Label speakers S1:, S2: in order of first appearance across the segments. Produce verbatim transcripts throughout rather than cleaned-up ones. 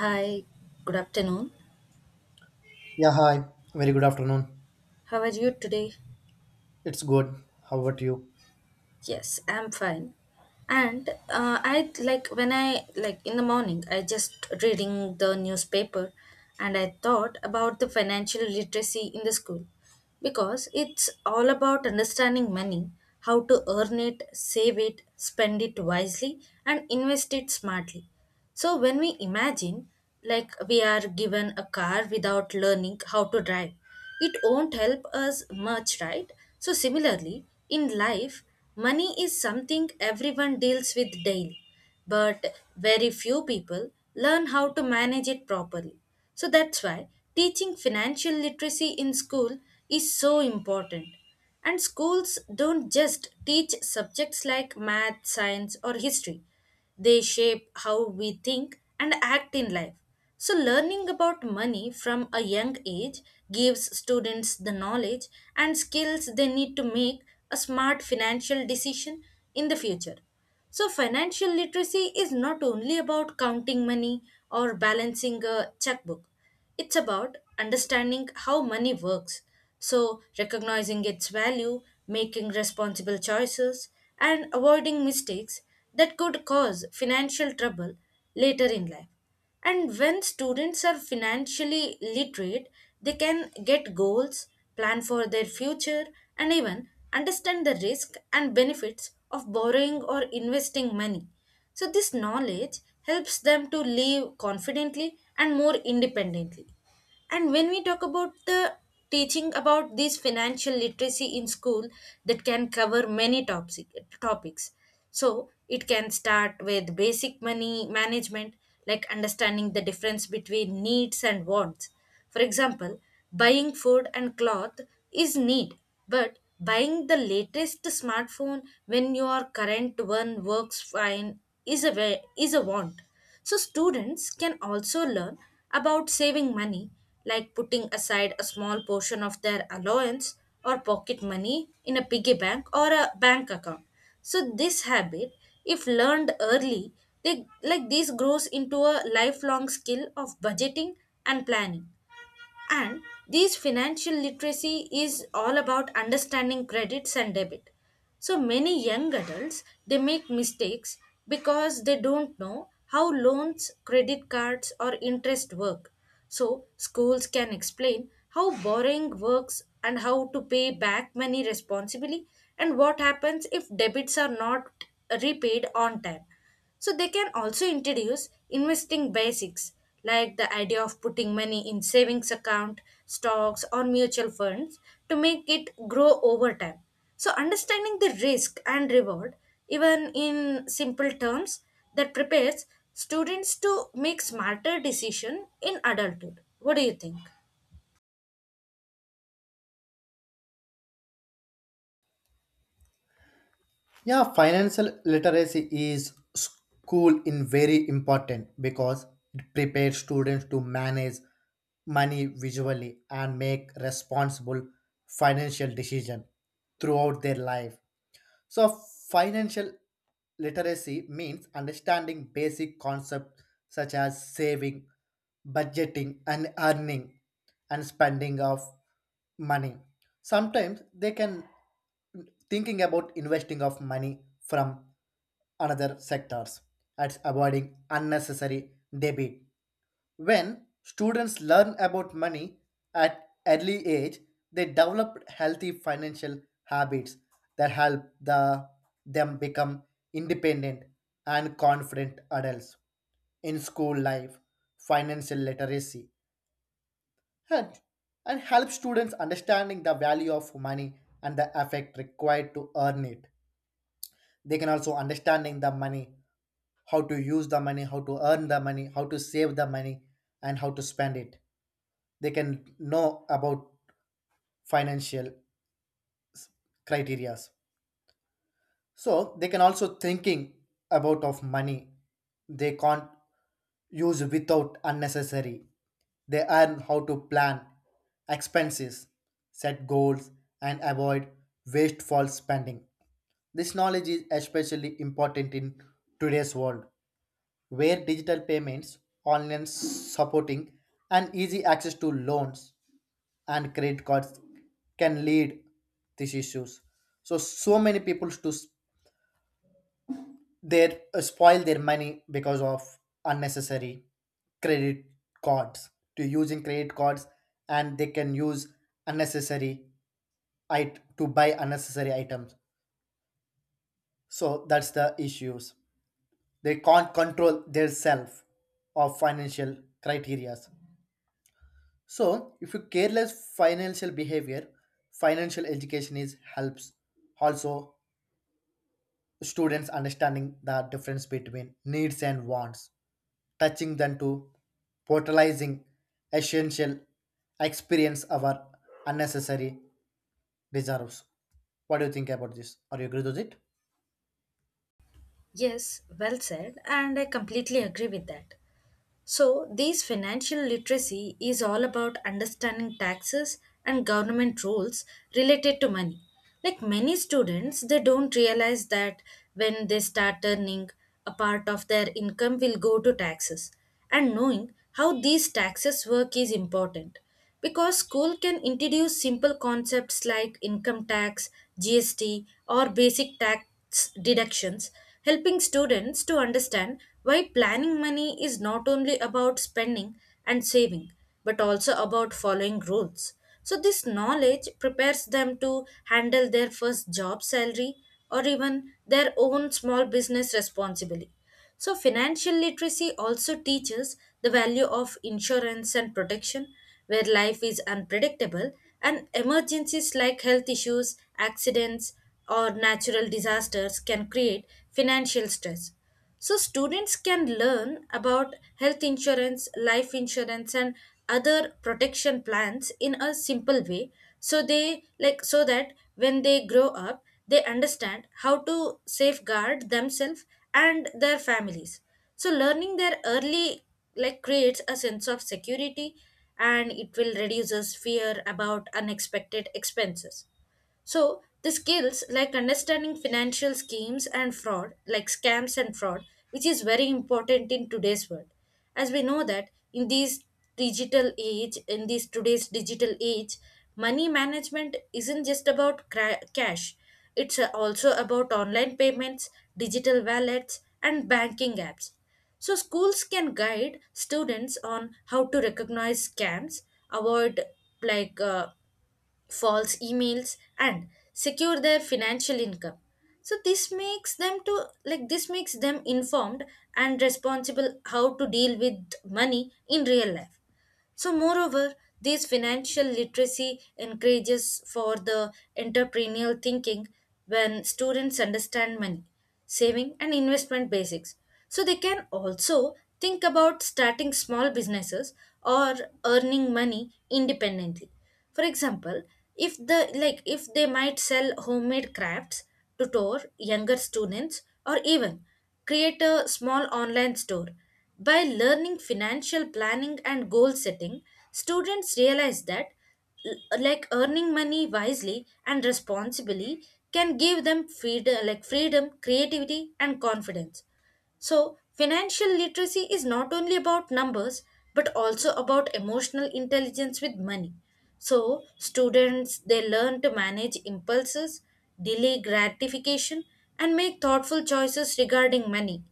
S1: Hi, good afternoon.
S2: Yeah, hi. Very good afternoon.
S1: How are you today?
S2: It's good. How about you?
S1: Yes, I'm fine. And uh, I like when I like in the morning, I just reading the newspaper and I thought about the financial literacy in the school. Because it's all about understanding money, how to earn it, save it, spend it wisely, and invest it smartly. So, when we imagine like we are given a car without learning how to drive, it won't help us much, right? So, similarly, in life, money is something everyone deals with daily but very few people learn how to manage it properly. So that's why teaching financial literacy in school is so important. And schools don't just teach subjects like math, science, or history, they shape how we think and act in life. So, learning about money from a young age gives students the knowledge and skills they need to make a smart financial decision in the future. So, financial literacy is not only about counting money or balancing a checkbook, it's about understanding how money works. So, recognizing its value, making responsible choices, and avoiding mistakes that could cause financial trouble later in life. And when students are financially literate, they can get goals, plan for their future, and even understand the risk and benefits of borrowing or investing money. So, this knowledge helps them to live confidently and more independently. And when we talk about the teaching about this financial literacy in school, that can cover many topics. topics. So it can start with basic money management, like understanding the difference between needs and wants. For example, buying food and cloth is need, but buying the latest smartphone when your current one works fine is a wa- is a want. So students can also learn about saving money like putting aside a small portion of their allowance or pocket money in a piggy bank or a bank account. So this habit if learned early they like this grows into a lifelong skill of budgeting and planning, and this financial literacy is all about understanding credits and debit. So many young adults they make mistakes because they don't know how loans, credit cards or interest work. So schools can explain how borrowing works and how to pay back money responsibly and what happens if debits are not repaid on time. So they can also introduce investing basics like the idea of putting money in savings account, stocks or mutual funds to make it grow over time. So understanding the risk and reward even in simple terms, that prepares students to make smarter decision in adulthood. What do you think?
S2: Yeah, financial literacy is school in very important because it prepares students to manage money visually and make responsible financial decision throughout their life. So, financial literacy means understanding basic concepts such as saving, budgeting, and earning and spending of money. Sometimes they can thinking about investing of money from another sectors and avoiding unnecessary debit. When students learn about money at early age, they develop healthy financial habits that help the, them become independent and confident adults in school life. Financial literacy, and, and help students understanding the value of money and the effect required to earn it. They can also understanding the money, how to use the money, how to earn the money, how to save the money, and how to spend it. They can know about financial criterias, so they can also thinking about of money they can't use without unnecessary. They learn how to plan expenses, set goals, and avoid wasteful spending. This knowledge is especially important in today's world, where digital payments, online supporting, and easy access to loans and credit cards can lead these issues. So so many people to s- their uh, spoil their money because of unnecessary credit cards, to using credit cards, and they can use unnecessary it to buy unnecessary items. So that's the issues, they can't control their self or financial criteria. So if you careless financial behavior, financial education is helps also students understanding the difference between needs and wants, touching them to portalizing essential experience our unnecessary reserves. What do you think about this? Are you agree with it?
S1: Yes, well said and I completely agree with that. So, these financial literacy is all about understanding taxes and government rules related to money. Like many students, they don't realize that when they start earning, a part of their income will go to taxes. And knowing how these taxes work is important because school can introduce simple concepts like income tax, G S T, or basic tax deductions, helping students to understand why planning money is not only about spending and saving, but also about following rules. So, this knowledge prepares them to handle their first job salary or even their own small business responsibly. So, financial literacy also teaches the value of insurance and protection, where life is unpredictable and emergencies like health issues, accidents, or natural disasters can create financial stress. So, students can learn about health insurance, life insurance, and other protection plans in a simple way so they like so that when they grow up they understand how to safeguard themselves and their families. So learning there early like creates a sense of security and it will reduces fear about unexpected expenses. So, the skills like understanding financial schemes and fraud, like scams and fraud, which is very important in today's world. As we know that in this digital age, in this today's digital age, money management isn't just about cra- cash. It's uh, also about online payments, digital wallets, and banking apps. So, schools can guide students on how to recognize scams, avoid like uh, false emails and secure their financial income. So this makes them to like this makes them informed and responsible how to deal with money in real life. So, moreover, this financial literacy encourages for the entrepreneurial thinking when students understand money, saving, and investment basics. So, they can also think about starting small businesses or earning money independently. For example, if the like if they might sell homemade crafts, tutor younger students, or even create a small online store. By learning financial planning and goal setting, students realize that l- like earning money wisely and responsibly can give them freedom like freedom, creativity and confidence. So, financial literacy is not only about numbers but also about emotional intelligence with money. So, students they learn to manage impulses, delay gratification, and make thoughtful choices regarding money.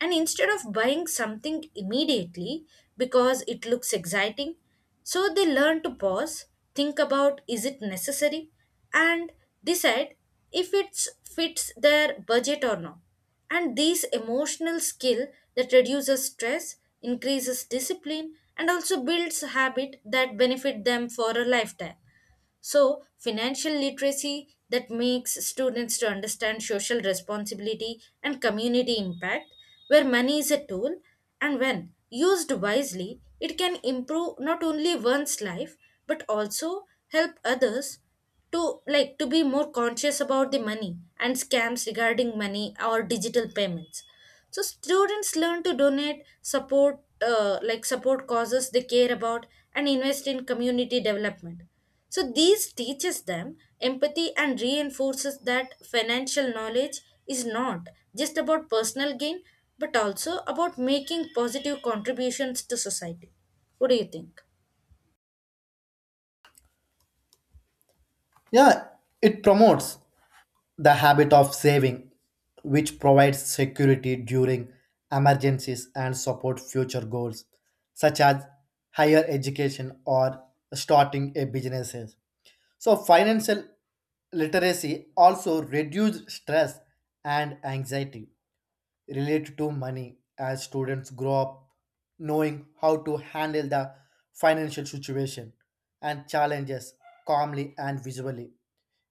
S1: And instead of buying something immediately because it looks exciting, so they learn to pause, think about is it necessary, and decide if it fits their budget or not. And this emotional skill that reduces stress, increases discipline, and also builds habit that benefit them for a lifetime. So financial literacy that makes students to understand social responsibility and community impact, where money is a tool and when used wisely it can improve not only one's life but also help others, to like to be more conscious about the money and scams regarding money or digital payments. So students learn to donate support, uh, like support causes they care about and invest in community development. So these teaches them empathy and reinforces that financial knowledge is not just about personal gain but also about making positive contributions to society. What do you think?
S2: Yeah, it promotes the habit of saving, which provides security during emergencies and support future goals, such as higher education or starting a business. So, financial literacy also reduces stress and anxiety related to money as students grow up knowing how to handle the financial situation and challenges calmly and visually.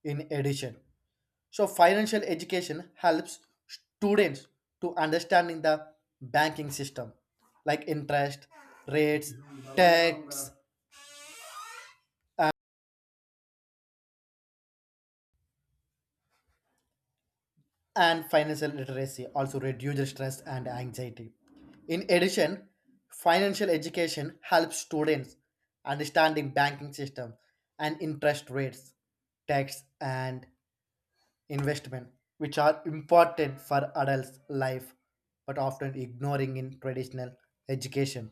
S2: In addition, so financial education helps students to understanding the banking system like interest, rates, tax, and financial literacy also reduces stress and anxiety. In addition, financial education helps students understanding banking system and interest rates, tax, and investment, which are important for adults' life but often ignoring in traditional education.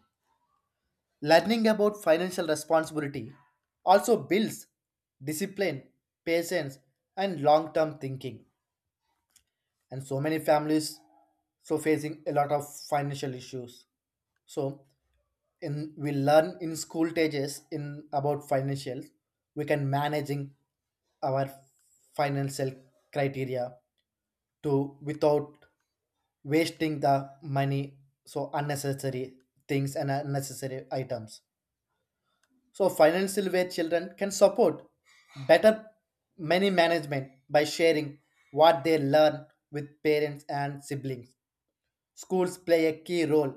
S2: Learning about financial responsibility also builds discipline, patience, and long-term thinking. And so many families so facing a lot of financial issues, so in we learn in school stages in about financials, we can managing our financial criteria to without wasting the money, so unnecessary things and unnecessary items. So financial way children can support better money management by sharing what they learn with parents and siblings. Schools play a key role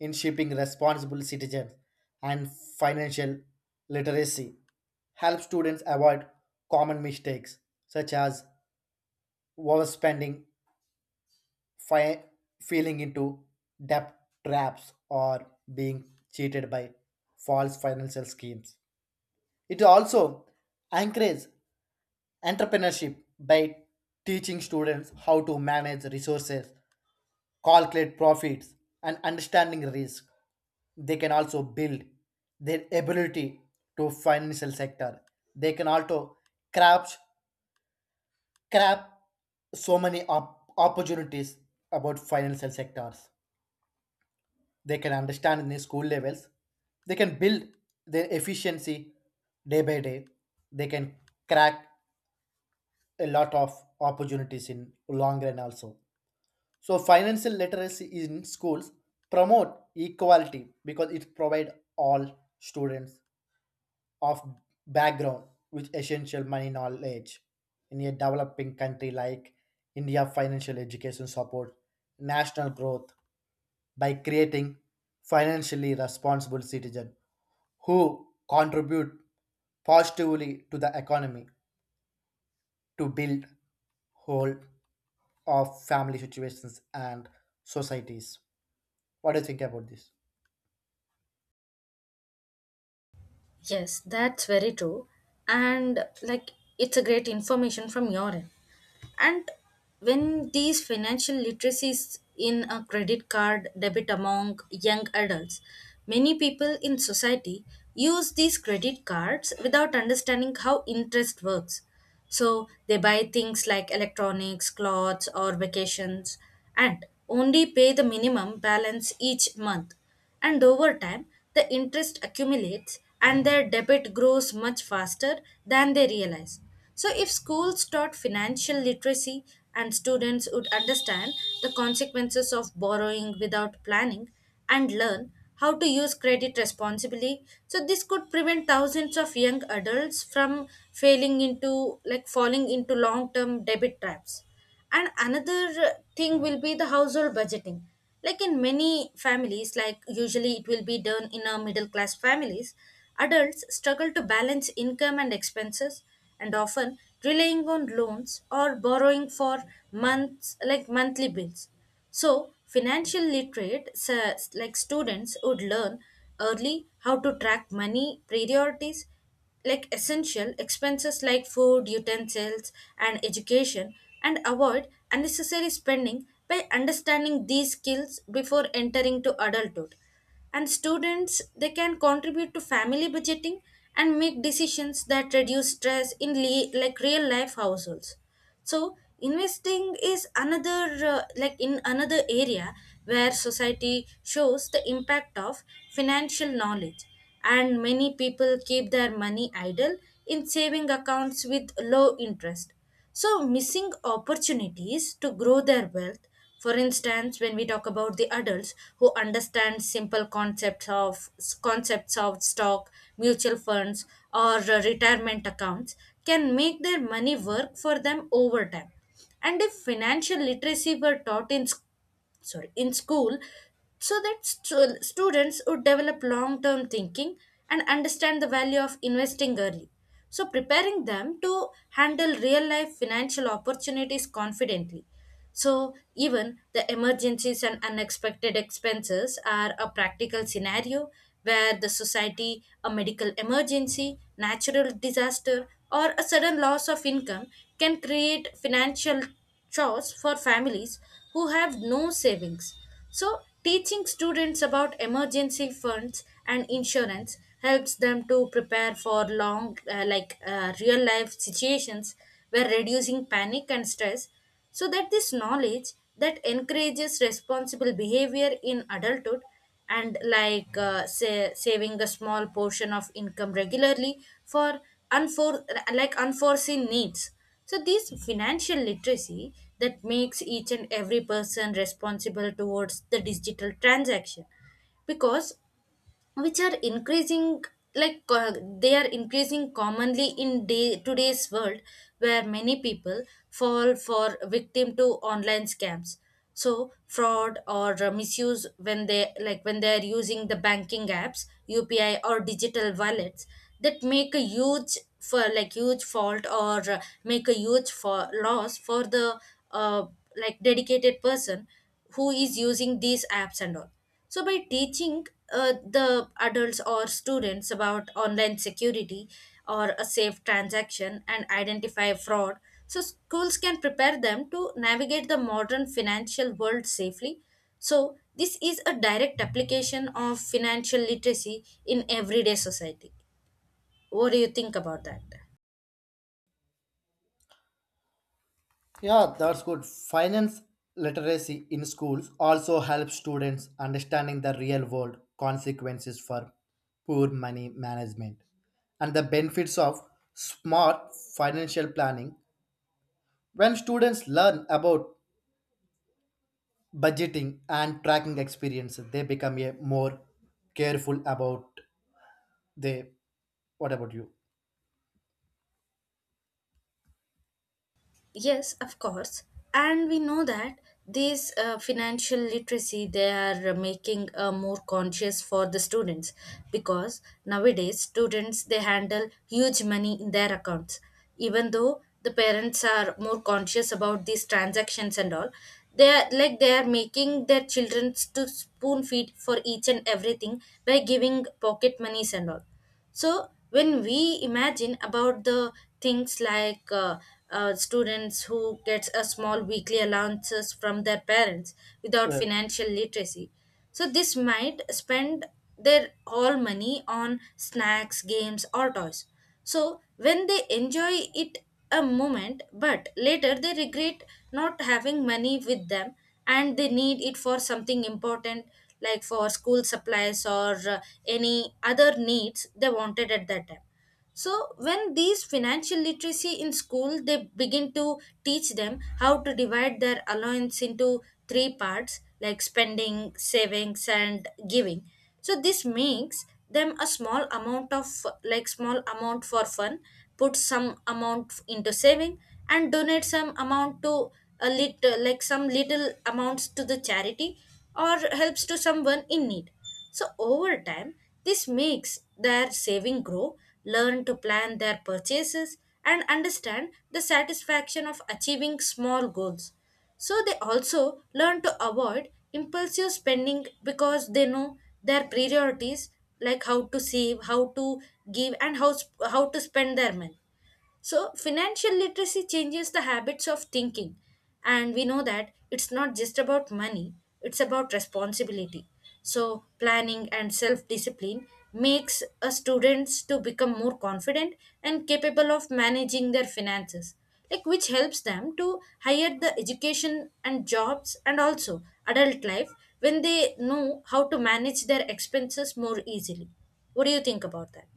S2: in shaping responsible citizens, and financial literacy helps students avoid common mistakes such as overspending, fi- falling into debt traps, or being cheated by false financial schemes. It also encourages entrepreneurship by teaching students how to manage resources, calculate profits, and understanding risk. They can also build their ability to financial sector. They can also craft craft so many op- opportunities about financial sectors. They can understand in the school levels. They can build their efficiency day by day. They can crack a lot of opportunities in long run also. So financial literacy in schools promote equality because it provide all students of background with essential money knowledge. In a developing country like India, financial education support national growth by creating financially responsible citizens who contribute positively to the economy, to build whole of family situations and societies. What do you think about this?
S1: Yes, that's very true and like it's a great information from your end. And when these financial literacies in a credit card debit among young adults, many people in society use these credit cards without understanding how interest works. So they buy things like electronics clothes or vacations and only pay the minimum balance each month, and over time, the interest accumulates and their debit grows much faster than they realize. So, if schools taught financial literacy and students would understand the consequences of borrowing without planning and learn how to use credit responsibly, so this could prevent thousands of young adults from failing into like falling into long term debit traps. And another thing will be the household budgeting, like in many families, like usually it will be done in a middle class families, adults struggle to balance income and expenses and often relying on loans or borrowing for months like monthly bills. So, financial literate, s- like students, would learn early how to track money, priorities, like essential expenses like food, utensils, and education, and avoid unnecessary spending by understanding these skills before entering to adulthood. And students they can contribute to family budgeting and make decisions that reduce stress in le- like real life households. So investing is another uh, like in another area where society shows the impact of financial knowledge, and many people keep their money idle in saving accounts with low interest, so missing opportunities to grow their wealth. For instance, when we talk about the adults who understand simple concepts of concepts of stock, mutual funds, or uh, retirement accounts, can make their money work for them over time. And if financial literacy were taught in, sorry, in school, so that stu- students would develop long term thinking and understand the value of investing early, so preparing them to handle real life financial opportunities confidently. So even the emergencies and unexpected expenses are a practical scenario where the society, a medical emergency natural disaster or a sudden loss of income can create financial chores for families who have no savings. So, teaching students about emergency funds and insurance helps them to prepare for long, uh, like uh, real life situations, where reducing panic and stress. So that this knowledge that encourages responsible behavior in adulthood, and like uh, say, saving a small portion of income regularly for unfor- like unforeseen needs. So this financial literacy that makes each and every person responsible towards the digital transaction, because which are increasing like uh, they are increasing commonly in day today's world, where many people fall for victim to online scams, so fraud or uh, misuse when they like when they are using the banking apps upi or digital wallets, that make a huge for like huge fault or uh, make a huge for loss for the uh, like dedicated person who is using these apps and all. So, by teaching uh, the adults or students about online security or a safe transaction and identify fraud, so schools can prepare them to navigate the modern financial world safely. So, this is a direct application of financial literacy in everyday society. What do you think about that?
S2: Yeah, that's good. Finance literacy in schools also helps students understanding the real world consequences for poor money management and the benefits of smart financial planning. When students learn about budgeting and tracking experiences, they become a more careful about they. What about you?
S1: Yes, of course. And we know that these uh, financial literacy they are making uh, more conscious for the students, because nowadays students they handle huge money in their accounts, even though the parents are more conscious about these transactions and all. They are like they are making their children to spoon feed for each and everything by giving pocket monies and all. So when we imagine about the things like uh, uh, students who gets a small weekly allowances from their parents without financial literacy, so this might spend their all money on snacks, games or toys. So when they enjoy it a moment, but later they regret not having money with them and they need it for something important, like for school supplies or uh, any other needs they wanted at that time. So when these financial literacy in school, they begin to teach them how to divide their allowance into three parts, like spending, savings and giving. So this makes them a small amount of, like small amount for fun, put some amount into saving, and donate some amount to a little, like some little amounts to the charity or helps to someone in need. So over time, this makes their saving grow, learn to plan their purchases, and understand the satisfaction of achieving small goals. So they also learn to avoid impulsive spending because they know their priorities, like how to save, how to give and how sp- how to spend their money. So, financial literacy changes the habits of thinking. And we know that it's not just about money, it's about responsibility. So, planning and self discipline makes a students to become more confident and capable of managing their finances, like which helps them to hire the education and jobs and also adult life, when they know how to manage their expenses more easily. What do you think about that?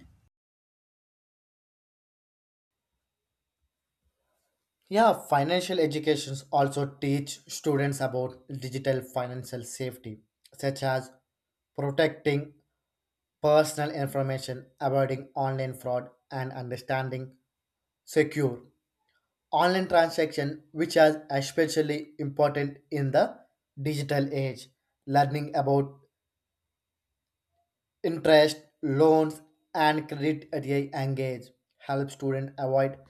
S2: Yeah, financial educations also teach students about digital financial safety, such as protecting personal information, avoiding online fraud, and understanding secure online transaction, which is especially important in the digital age. Learning about interest, loans, and credit at a young age help students avoid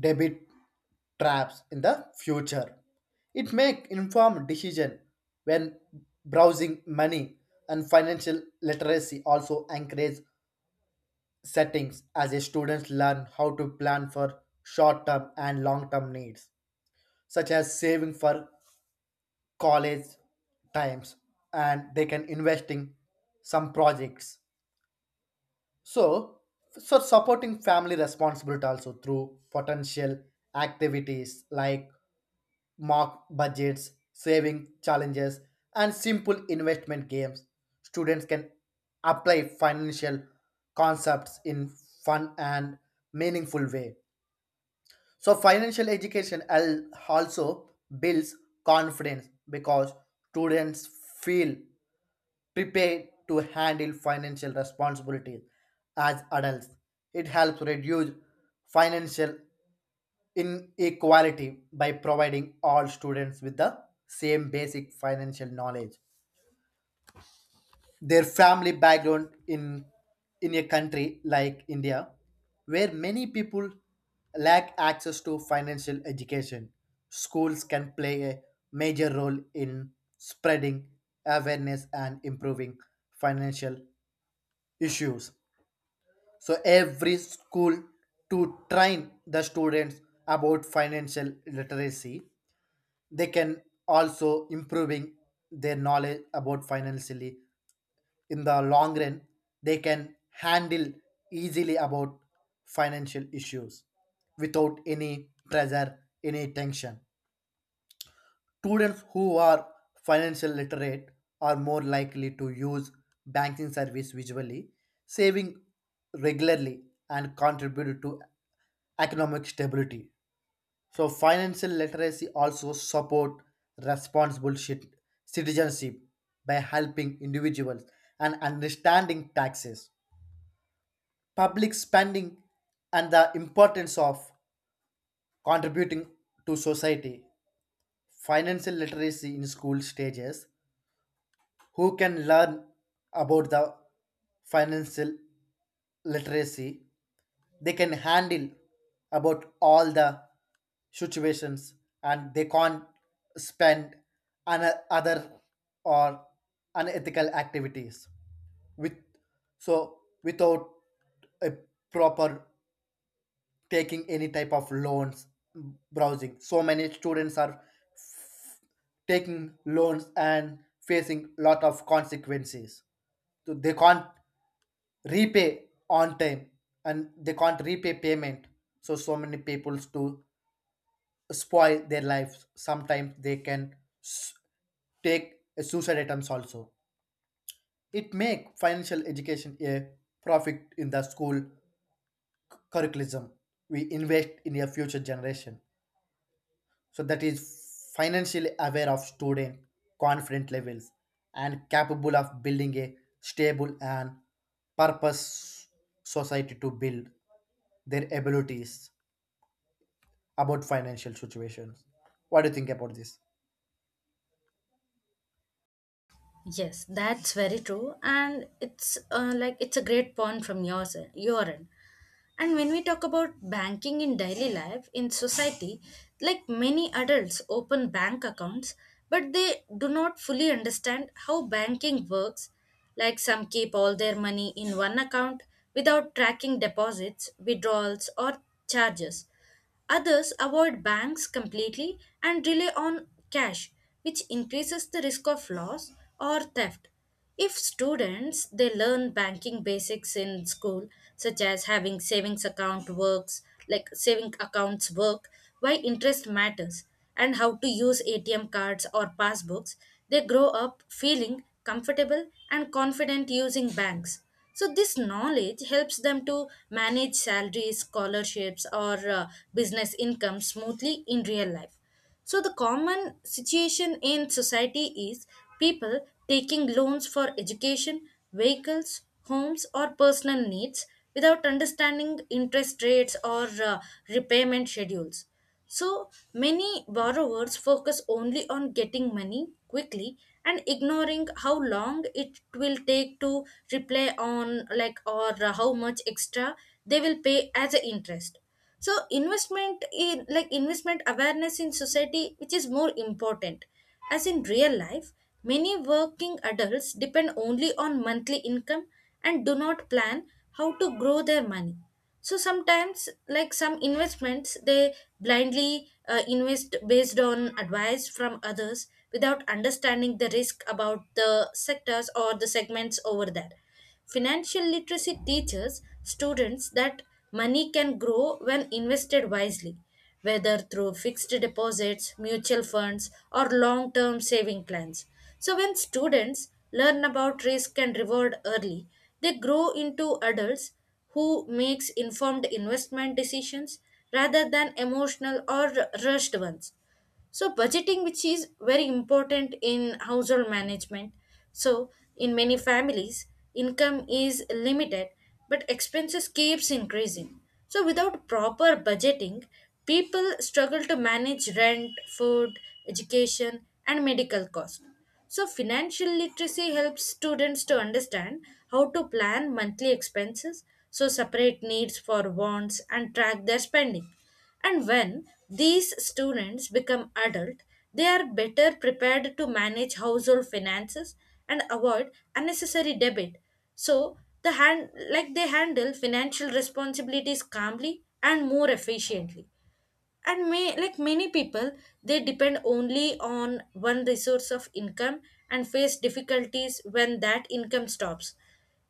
S2: debit traps in the future. It make informed decision when browsing money, and financial literacy also encourage settings as a students learn how to plan for short term and long term needs, such as saving for college times, and they can invest in some projects. So, so supporting family responsibility also through potential activities like mock budgets, saving challenges, and simple investment games. Students can apply financial concepts in fun and meaningful way. So financial education al- also builds confidence because students feel prepared to handle financial responsibilities as adults. It helps reduce financial inequality by providing all students with the same basic financial knowledge their family background in in a country like India, where many people lack access to financial education. Schools can play a major role in spreading awareness and improving financial issues. So every school to train the students about financial literacy, they can also improving their knowledge about financially in the long run. They can handle easily about financial issues without any pressure, any tension. Students who are financial literate are more likely to use banking service visually, saving regularly, and contribute to economic stability. So financial literacy also support responsible cit- citizenship by helping individuals and understanding taxes, public spending, and the importance of contributing to society. Financial literacy in school stages, who can learn about the financial literacy, they can handle about all the situations, and they can't spend on other or unethical activities with so without a proper taking any type of loans, browsing. So many students are taking loans and facing lot of consequences, so they can't repay on time, and they can't repay payment. So so many people to spoil their lives, sometimes they can s- take suicide attempts also. It make financial education a profit in the school curriculum. We invest in a future generation, so that is financially aware of student, confident levels, and capable of building a stable and purpose society, to build their abilities about financial situations. What do you think about this?
S1: Yes, that's very true, and it's uh, like it's a great point from your se- your end. And when we talk about banking in daily life in society, like many adults open bank accounts, but they do not fully understand how banking works. Like some keep all their money in one account without tracking deposits, withdrawals, or charges. Others avoid banks completely and rely on cash, which increases the risk of loss or theft. If students they learn banking basics in school, such as having savings account works, like saving accounts work, why interest matters and how to use A T M cards or passbooks, they grow up feeling comfortable and confident using banks. So, this knowledge helps them to manage salaries, scholarships, or uh, business income smoothly in real life. So, the common situation in society is people taking loans for education, vehicles, homes, or personal needs without understanding interest rates or uh, repayment schedules. So, many borrowers focus only on getting money quickly and ignoring how long it will take to repay on like or uh, how much extra they will pay as a interest. So investment in, like investment awareness in society, which is more important, as in real life many working adults depend only on monthly income and do not plan how to grow their money. So sometimes like some investments they blindly uh, invest based on advice from others without understanding the risk about the sectors or the segments over there. Financial literacy teaches students that money can grow when invested wisely, whether through fixed deposits, mutual funds, or long term saving plans. So, when students learn about risk and reward early, they grow into adults who makes informed investment decisions rather than emotional or rushed ones. So budgeting, which is very important in household management, so in many families income is limited but expenses keeps increasing. So without proper budgeting, people struggle to manage rent, food, education and medical costs. So financial literacy helps students to understand how to plan monthly expenses, so separate needs for wants and track their spending. And when these students become adult, they are better prepared to manage household finances and avoid unnecessary debit. So the hand like they handle financial responsibilities calmly and more efficiently. And may like many people, they depend only on one resource of income and face difficulties when that income stops.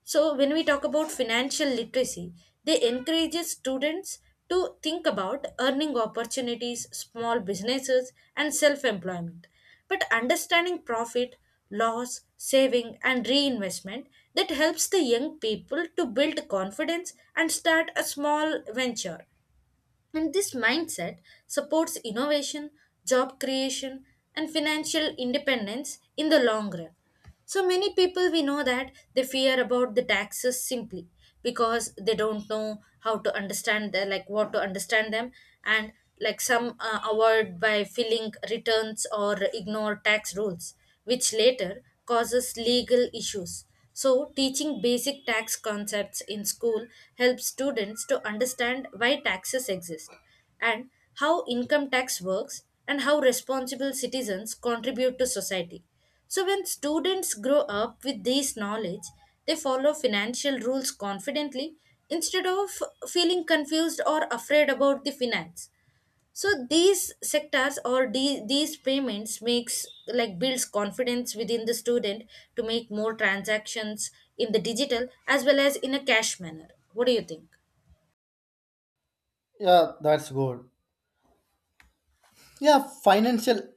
S1: So when we talk about financial literacy, they encourages students to think about earning opportunities, small businesses and self employment, but understanding profit, loss, saving and reinvestment. That helps the young people to build confidence and start a small venture. And this mindset supports innovation, job creation, and financial independence in the long run. So many people, we know that they fear about the taxes simply because they don't know how to understand the, like what to understand them. And like some uh, avoid by filling returns or ignore tax rules, which later causes legal issues. So, teaching basic tax concepts in school helps students to understand why taxes exist and how income tax works and how responsible citizens contribute to society. So, when students grow up with this knowledge, they follow financial rules confidently instead of feeling confused or afraid about the finance. So these sectors or the, these payments makes like builds confidence within the student to make more transactions in the digital as well as in a cash manner. What do you think?
S2: Yeah, that's good. Yeah, financial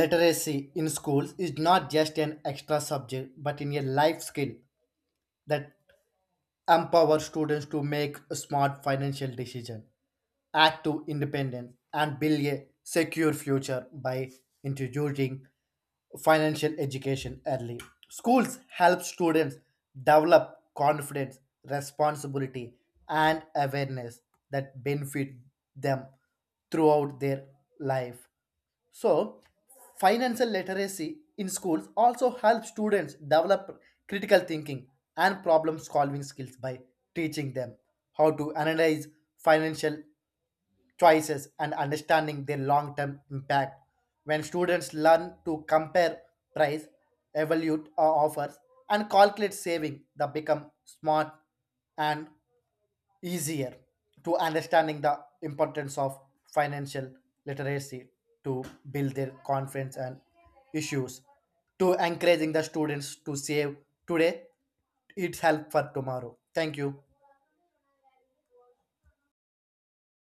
S2: literacy in schools is not just an extra subject but in a life skill that empower students to make a smart financial decision, act to independence, and build a secure future by introducing financial education early. Schools help students develop confidence, responsibility, and awareness that benefit them throughout their life. So, financial literacy in schools also helps students develop critical thinking and problem solving skills by teaching them how to analyze financial choices and understanding their long term impact. When students learn to compare price, evaluate uh, offers, and calculate saving, they become smart and easier to understanding the importance of financial literacy, to build their confidence and issues, to encouraging the students to save today. It's help for tomorrow. Thank you.